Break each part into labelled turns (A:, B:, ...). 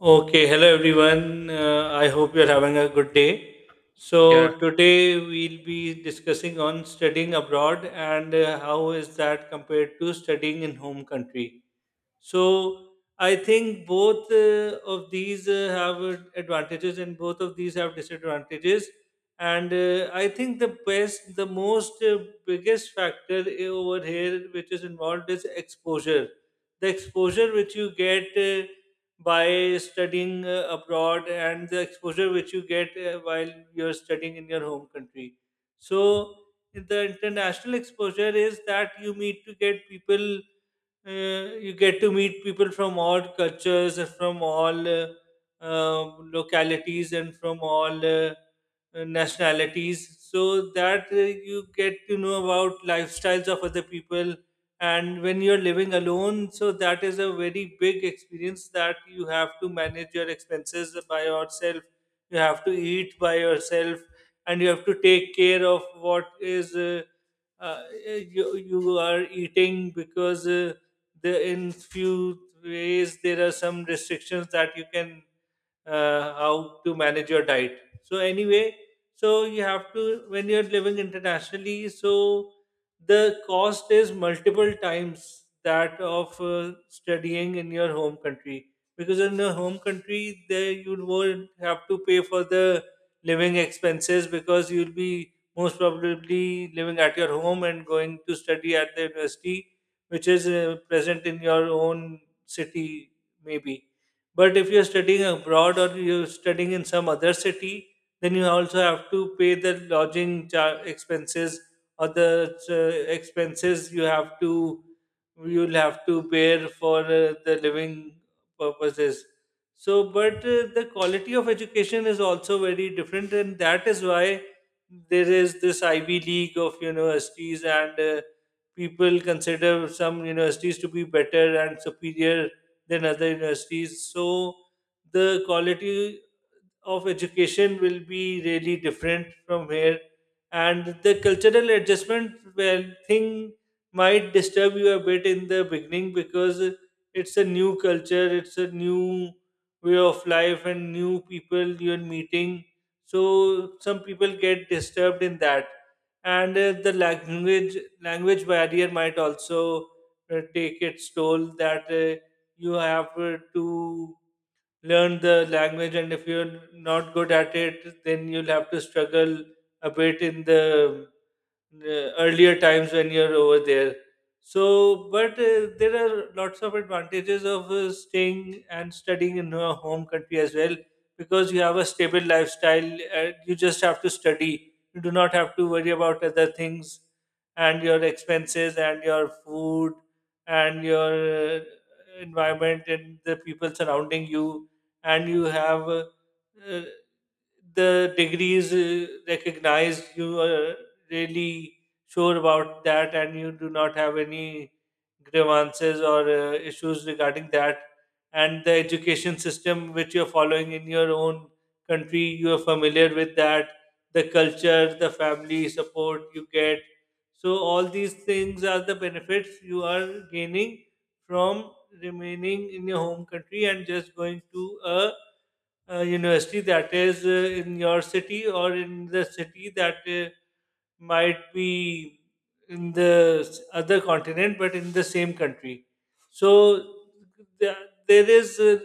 A: Okay, hello everyone. I hope you're having a good day. So,
B: Yeah,
A: today we'll be discussing on studying abroad and how is that compared to studying in home country. So I think both of these have advantages, and both of these have disadvantages. And I think the best, the most biggest factor over here which is involved is exposure. The exposure which you get by studying abroad, and the exposure which you get while you're studying in your home country. So the international exposure is that you need to get people, you get to meet people from all cultures and from all uh, localities and from all nationalities, so that you get to know about lifestyles of other people. And when you're living alone, so that is a very big experience, that you have to manage your expenses by yourself, you have to eat by yourself, and you have to take care of what is you are eating. Because the in few ways there are some restrictions that you can, how to manage your diet. So anyway, so you have to, when you're living internationally, so the cost is multiple times that of studying in your home country. Because in your home country there you won't have to pay for the living expenses, because you'll be most probably living at your home and going to study at the university which is present in your own city, maybe. But if you're studying abroad or you're studying in some other city, then you also have to pay the expenses, or the expenses you have to, you'll have to bear for the living purposes. So but the quality of education is also very different, and that is why there is this Ivy League of universities, and people consider some universities to be better and superior than other universities. So the quality of education will be really different from here. And the cultural adjustment well thing might disturb you a bit in the beginning, because it's a new culture, it's a new way of life, and new people you're meeting, so some people get disturbed in that. And the language barrier might also take its toll, that you have to learn the language, and if you're not good at it then you'll have to struggle a bit in the earlier times when you're over there. So, but there are lots of advantages of staying and studying in your home country as well, because you have a stable lifestyle. You just have to study. You do not have to worry about other things, and your expenses and your food and your environment and the people surrounding you. And you have uh, the degrees recognized. You are really sure about that, and you do not have any grievances or issues regarding that. And the education system which you're following in your own country, you are familiar with that, the culture, the family support you get. So all these things are the benefits you are gaining from remaining in your home country and just going to a university that is in your city, or in the city that might be in the other continent but in the same country. So th- there is,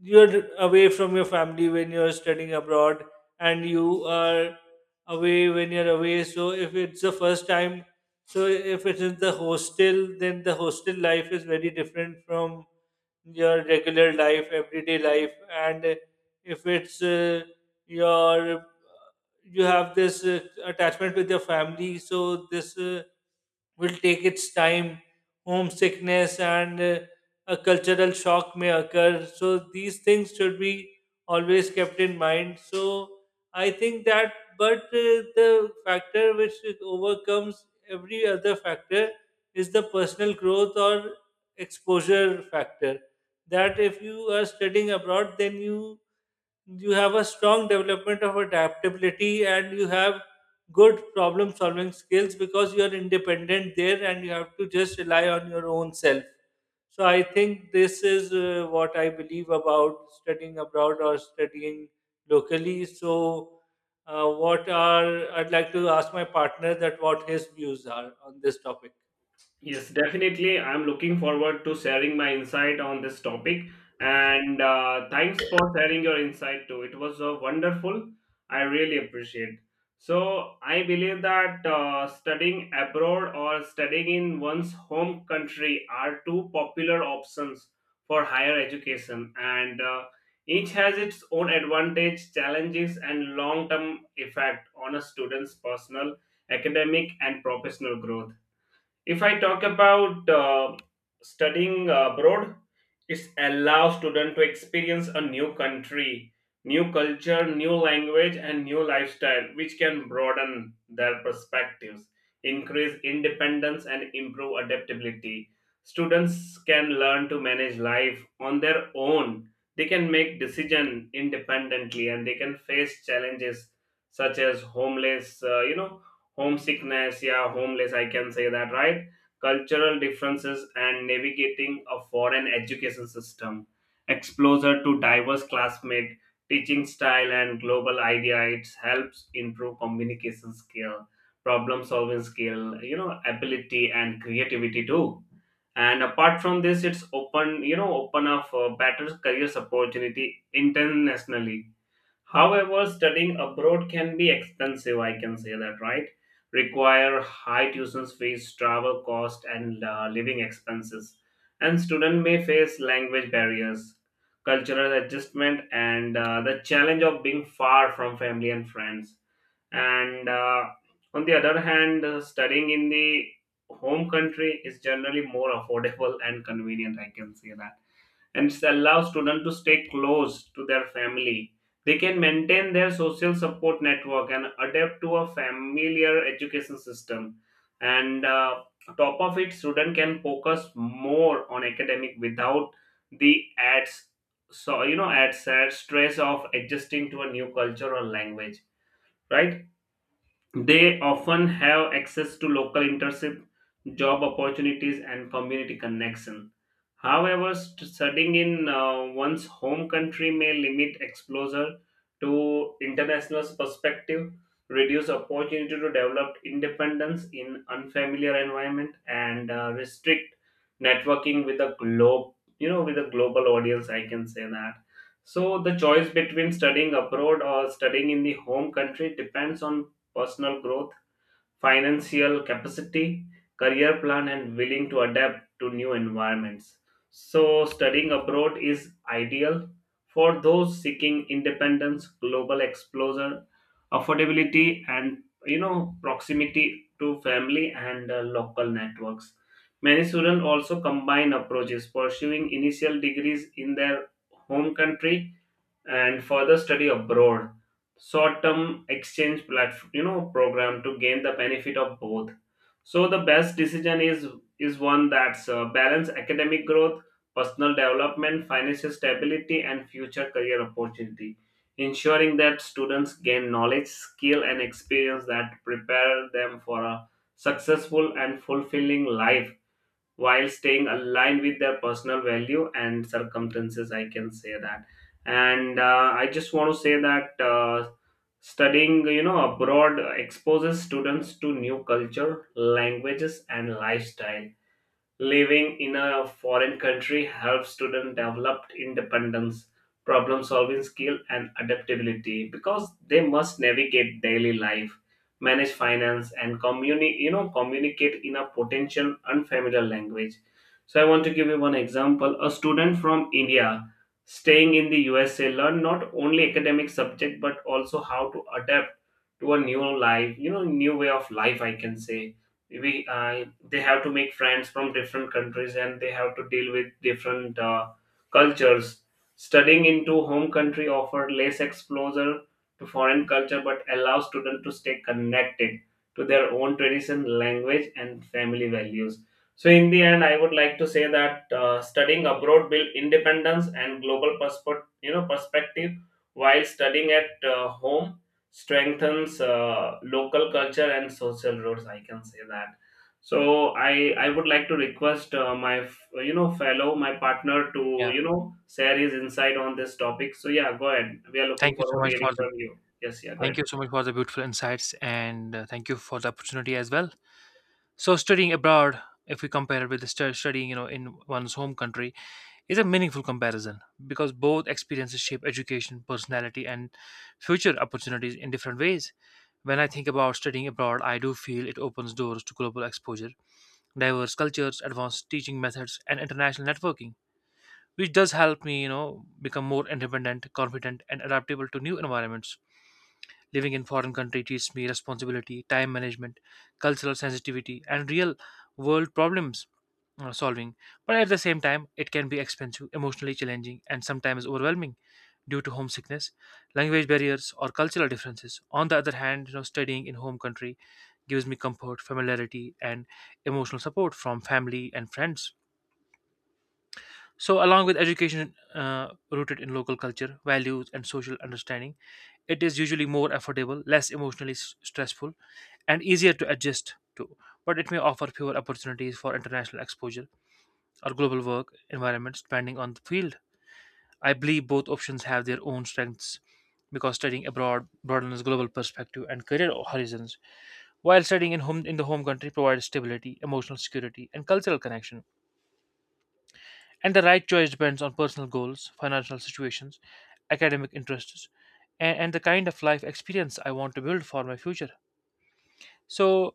A: you're away from your family when you're studying abroad, and you are away when you're away. So if it's the first time, so if it's in the hostel, then the hostel life is very different from your regular life, everyday life. And if it's your, you have this attachment with your family, so this will take its time. Homesickness and a cultural shock may occur, so these things should be always kept in mind. So I think that, but the factor which it overcomes every other factor is the personal growth or exposure factor. That if you are studying abroad, then you have a strong development of adaptability and you have good problem solving skills, because you are independent there and you have to just rely on your own self. So I think this is what I believe about studying abroad or studying locally. So what are I'd like to ask my partner that what his views are on this topic.
C: Yes, definitely. I'm looking forward to sharing my insight on this topic. And thanks for sharing your insight too. It was wonderful. I really appreciate. So I believe that studying abroad or studying in one's home country are two popular options for higher education, and each has its own advantage, challenges, and long-term effect on a student's personal, academic, and professional growth. If I talk about studying abroad, it allows students to experience a new country, new culture, new language, and new lifestyle, which can broaden their perspectives, increase independence, and improve adaptability. Students can learn to manage life on their own. They can make decision independently, and they can face challenges such as homeless, homesickness, yeah, homeless, I can say that, right? Cultural differences and navigating a foreign education system, exposure to diverse classmates, teaching style and global idea. It helps improve communication skill, problem solving skill, ability and creativity too. And apart from this, it's open you know open up for better careers opportunity internationally. However, studying abroad can be expensive, I can say that, right? Require high tuition fees, travel cost, and living expenses. And students may face language barriers, cultural adjustment, and the challenge of being far from family and friends. And On the other hand, studying in the home country is generally more affordable and convenient, I can say that, and allow students to stay close to their family. They can maintain their social support network and adapt to a familiar education system. And Top of it, student can focus more on academic without the adds so you know adds stress of adjusting to a new culture or language, right? They often have access to local internship, job opportunities, and community connection. However, studying in one's home country may limit exposure to international perspective, reduce opportunity to develop independence in unfamiliar environment, and restrict networking with a globe. You know, with a global audience, I can say that. So the choice between studying abroad or studying in the home country depends on personal growth, financial capacity, career plan, and willing to adapt to new environments. So, studying abroad is ideal for those seeking independence, global exposure, affordability, and proximity to family and local networks. Many students also combine approaches, pursuing initial degrees in their home country and further study abroad, short-term exchange platform you know program to gain the benefit of both. So the best decision is one that's balance academic growth, personal development, financial stability and future career opportunity, ensuring that students gain knowledge skill and experience that prepare them for a successful and fulfilling life while staying aligned with their personal value and circumstances, I can say that. And I just want to say that studying abroad exposes students to new culture, languages and lifestyle. Living in a foreign country helps students develop independence, problem solving skill, and adaptability because they must navigate daily life, manage finance, and communicate in a potential unfamiliar language. So, I want to give you one example. A student from India staying in the USA learn not only academic subject but also how to adapt to a new life, you know, new way of life, I can say. We they have to make friends from different countries and they have to deal with different cultures. Studying into home country offer less exposure to foreign culture but allows students to stay connected to their own tradition, language and family values. So in the end, I would like to say that studying abroad build independence and global perspective you know perspective, while studying at home strengthens local culture and social roots, I can say that. So I would like to request my fellow, my partner, to
B: yeah.
C: share his insight on this topic. So yeah, go ahead, we are looking
B: Thank you so
C: forward to
B: much for
C: hearing
B: the
C: from you. Yes, yeah, go ahead.
B: beautiful insights, and thank you for the opportunity as well. So, studying abroad, if we compare it with the studying, you know, in one's home country, is a meaningful comparison because both experiences shape education, personality, and future opportunities in different ways. When I think about studying abroad, I do feel it opens doors to global exposure, diverse cultures, advanced teaching methods, and international networking, which does help me, you know, become more independent, confident, and adaptable to new environments. Living in foreign country teaches me responsibility, time management, cultural sensitivity, and real world problems solving. But at the same time, it can be expensive, emotionally challenging, and sometimes overwhelming due to homesickness, language barriers, or cultural differences. On the other hand, you know, studying in home country gives me comfort, familiarity, and emotional support from family and friends. So, along with education rooted in local culture, values, and social understanding, it is usually more affordable, less emotionally stressful, and easier to adjust to, but it may offer fewer opportunities for international exposure or global work environments depending on the field. I believe both options have their own strengths because studying abroad broadens global perspective and career horizons, while studying in the home country provides stability, emotional security, and cultural connection. And the right choice depends on personal goals, financial situations, academic interests, and the kind of life experience I want to build for my future. So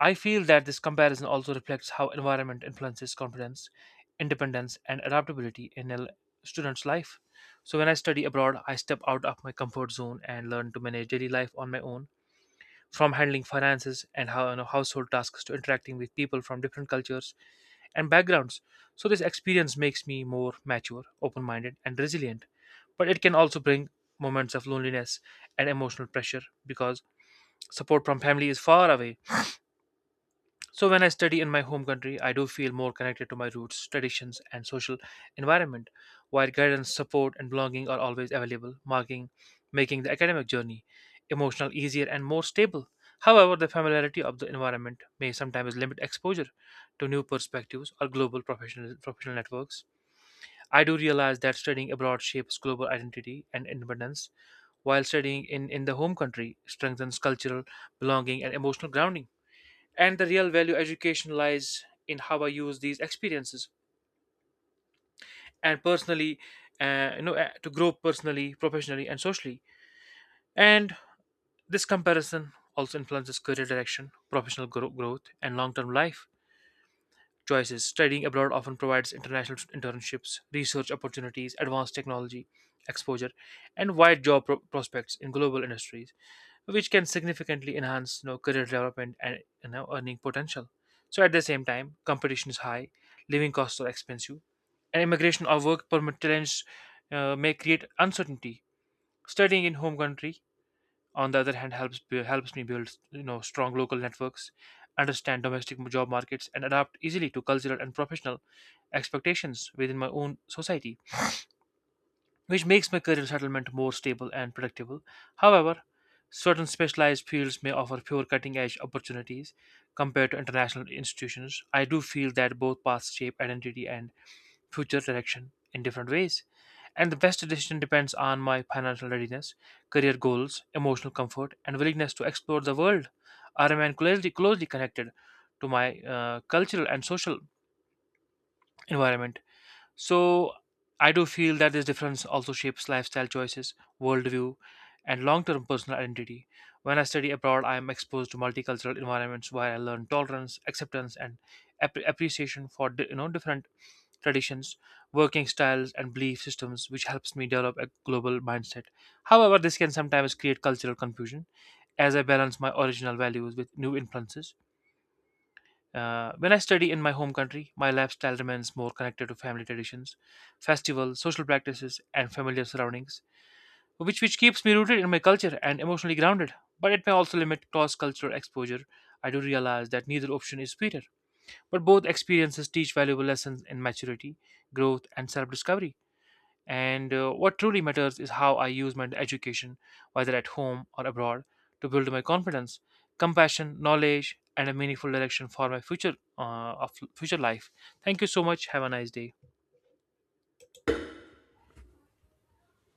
B: I feel that this comparison also reflects how environment influences confidence, independence, and adaptability in a student's life. So, when I study abroad, I step out of my comfort zone and learn to manage daily life on my own, from handling finances and how, you know, household tasks to interacting with people from different cultures and backgrounds. So, this experience makes me more mature, open minded, and resilient. But it can also bring moments of loneliness and emotional pressure because support from family is far away. So when I study in my home country, I do feel more connected to my roots, traditions, and social environment, while guidance, support, and belonging are always available, marking making the academic journey emotional, easier, and more stable. However, the familiarity of the environment may sometimes limit exposure to new perspectives or global professional networks. I do realize that studying abroad shapes global identity and independence, while studying in the home country strengthens cultural belonging and emotional grounding, and the real value education lies in how I use these experiences and personally you know to grow personally, professionally, and socially. And this comparison also influences career direction, professional growth, and long-term life choices. Studying abroad often provides international internships, research opportunities, advanced technology exposure, and wide job prospects in global industries, which can significantly enhance, you know, career development and, you know, earning potential. So at the same time, competition is high, living costs are expensive, and immigration or work permit challenges may create uncertainty. Studying in home country, on the other hand, helps me build, you know, strong local networks, understand domestic job markets, and adapt easily to cultural and professional expectations within my own society, which makes my career settlement more stable and predictable. However, certain specialized fields may offer fewer cutting edge opportunities compared to international institutions. I do feel that both paths shape identity and future direction in different ways, and the best decision depends on my financial readiness, career goals, emotional comfort, and willingness to explore the world. I remain closely connected to my cultural and social environment. So I do feel that this difference also shapes lifestyle choices, worldview, and long term personal identity. When I study abroad, I am exposed to multicultural environments where I learn tolerance, acceptance, and appreciation for you know, different traditions, working styles, and belief systems, which helps me develop a global mindset. However, this can sometimes create cultural confusion as I balance my original values with new influences. When I study in my home country, my lifestyle remains more connected to family traditions, festivals, social practices, and familiar surroundings, which keeps me rooted in my culture and emotionally grounded. But it may also limit cross cultural exposure. I do realize that neither option is superior, but both experiences teach valuable lessons in maturity, growth, and self discovery. And what truly matters is how I use my education, whether at home or abroad, to build my confidence, compassion, knowledge, and a meaningful direction for my future life. Thank you so much. Have a nice day.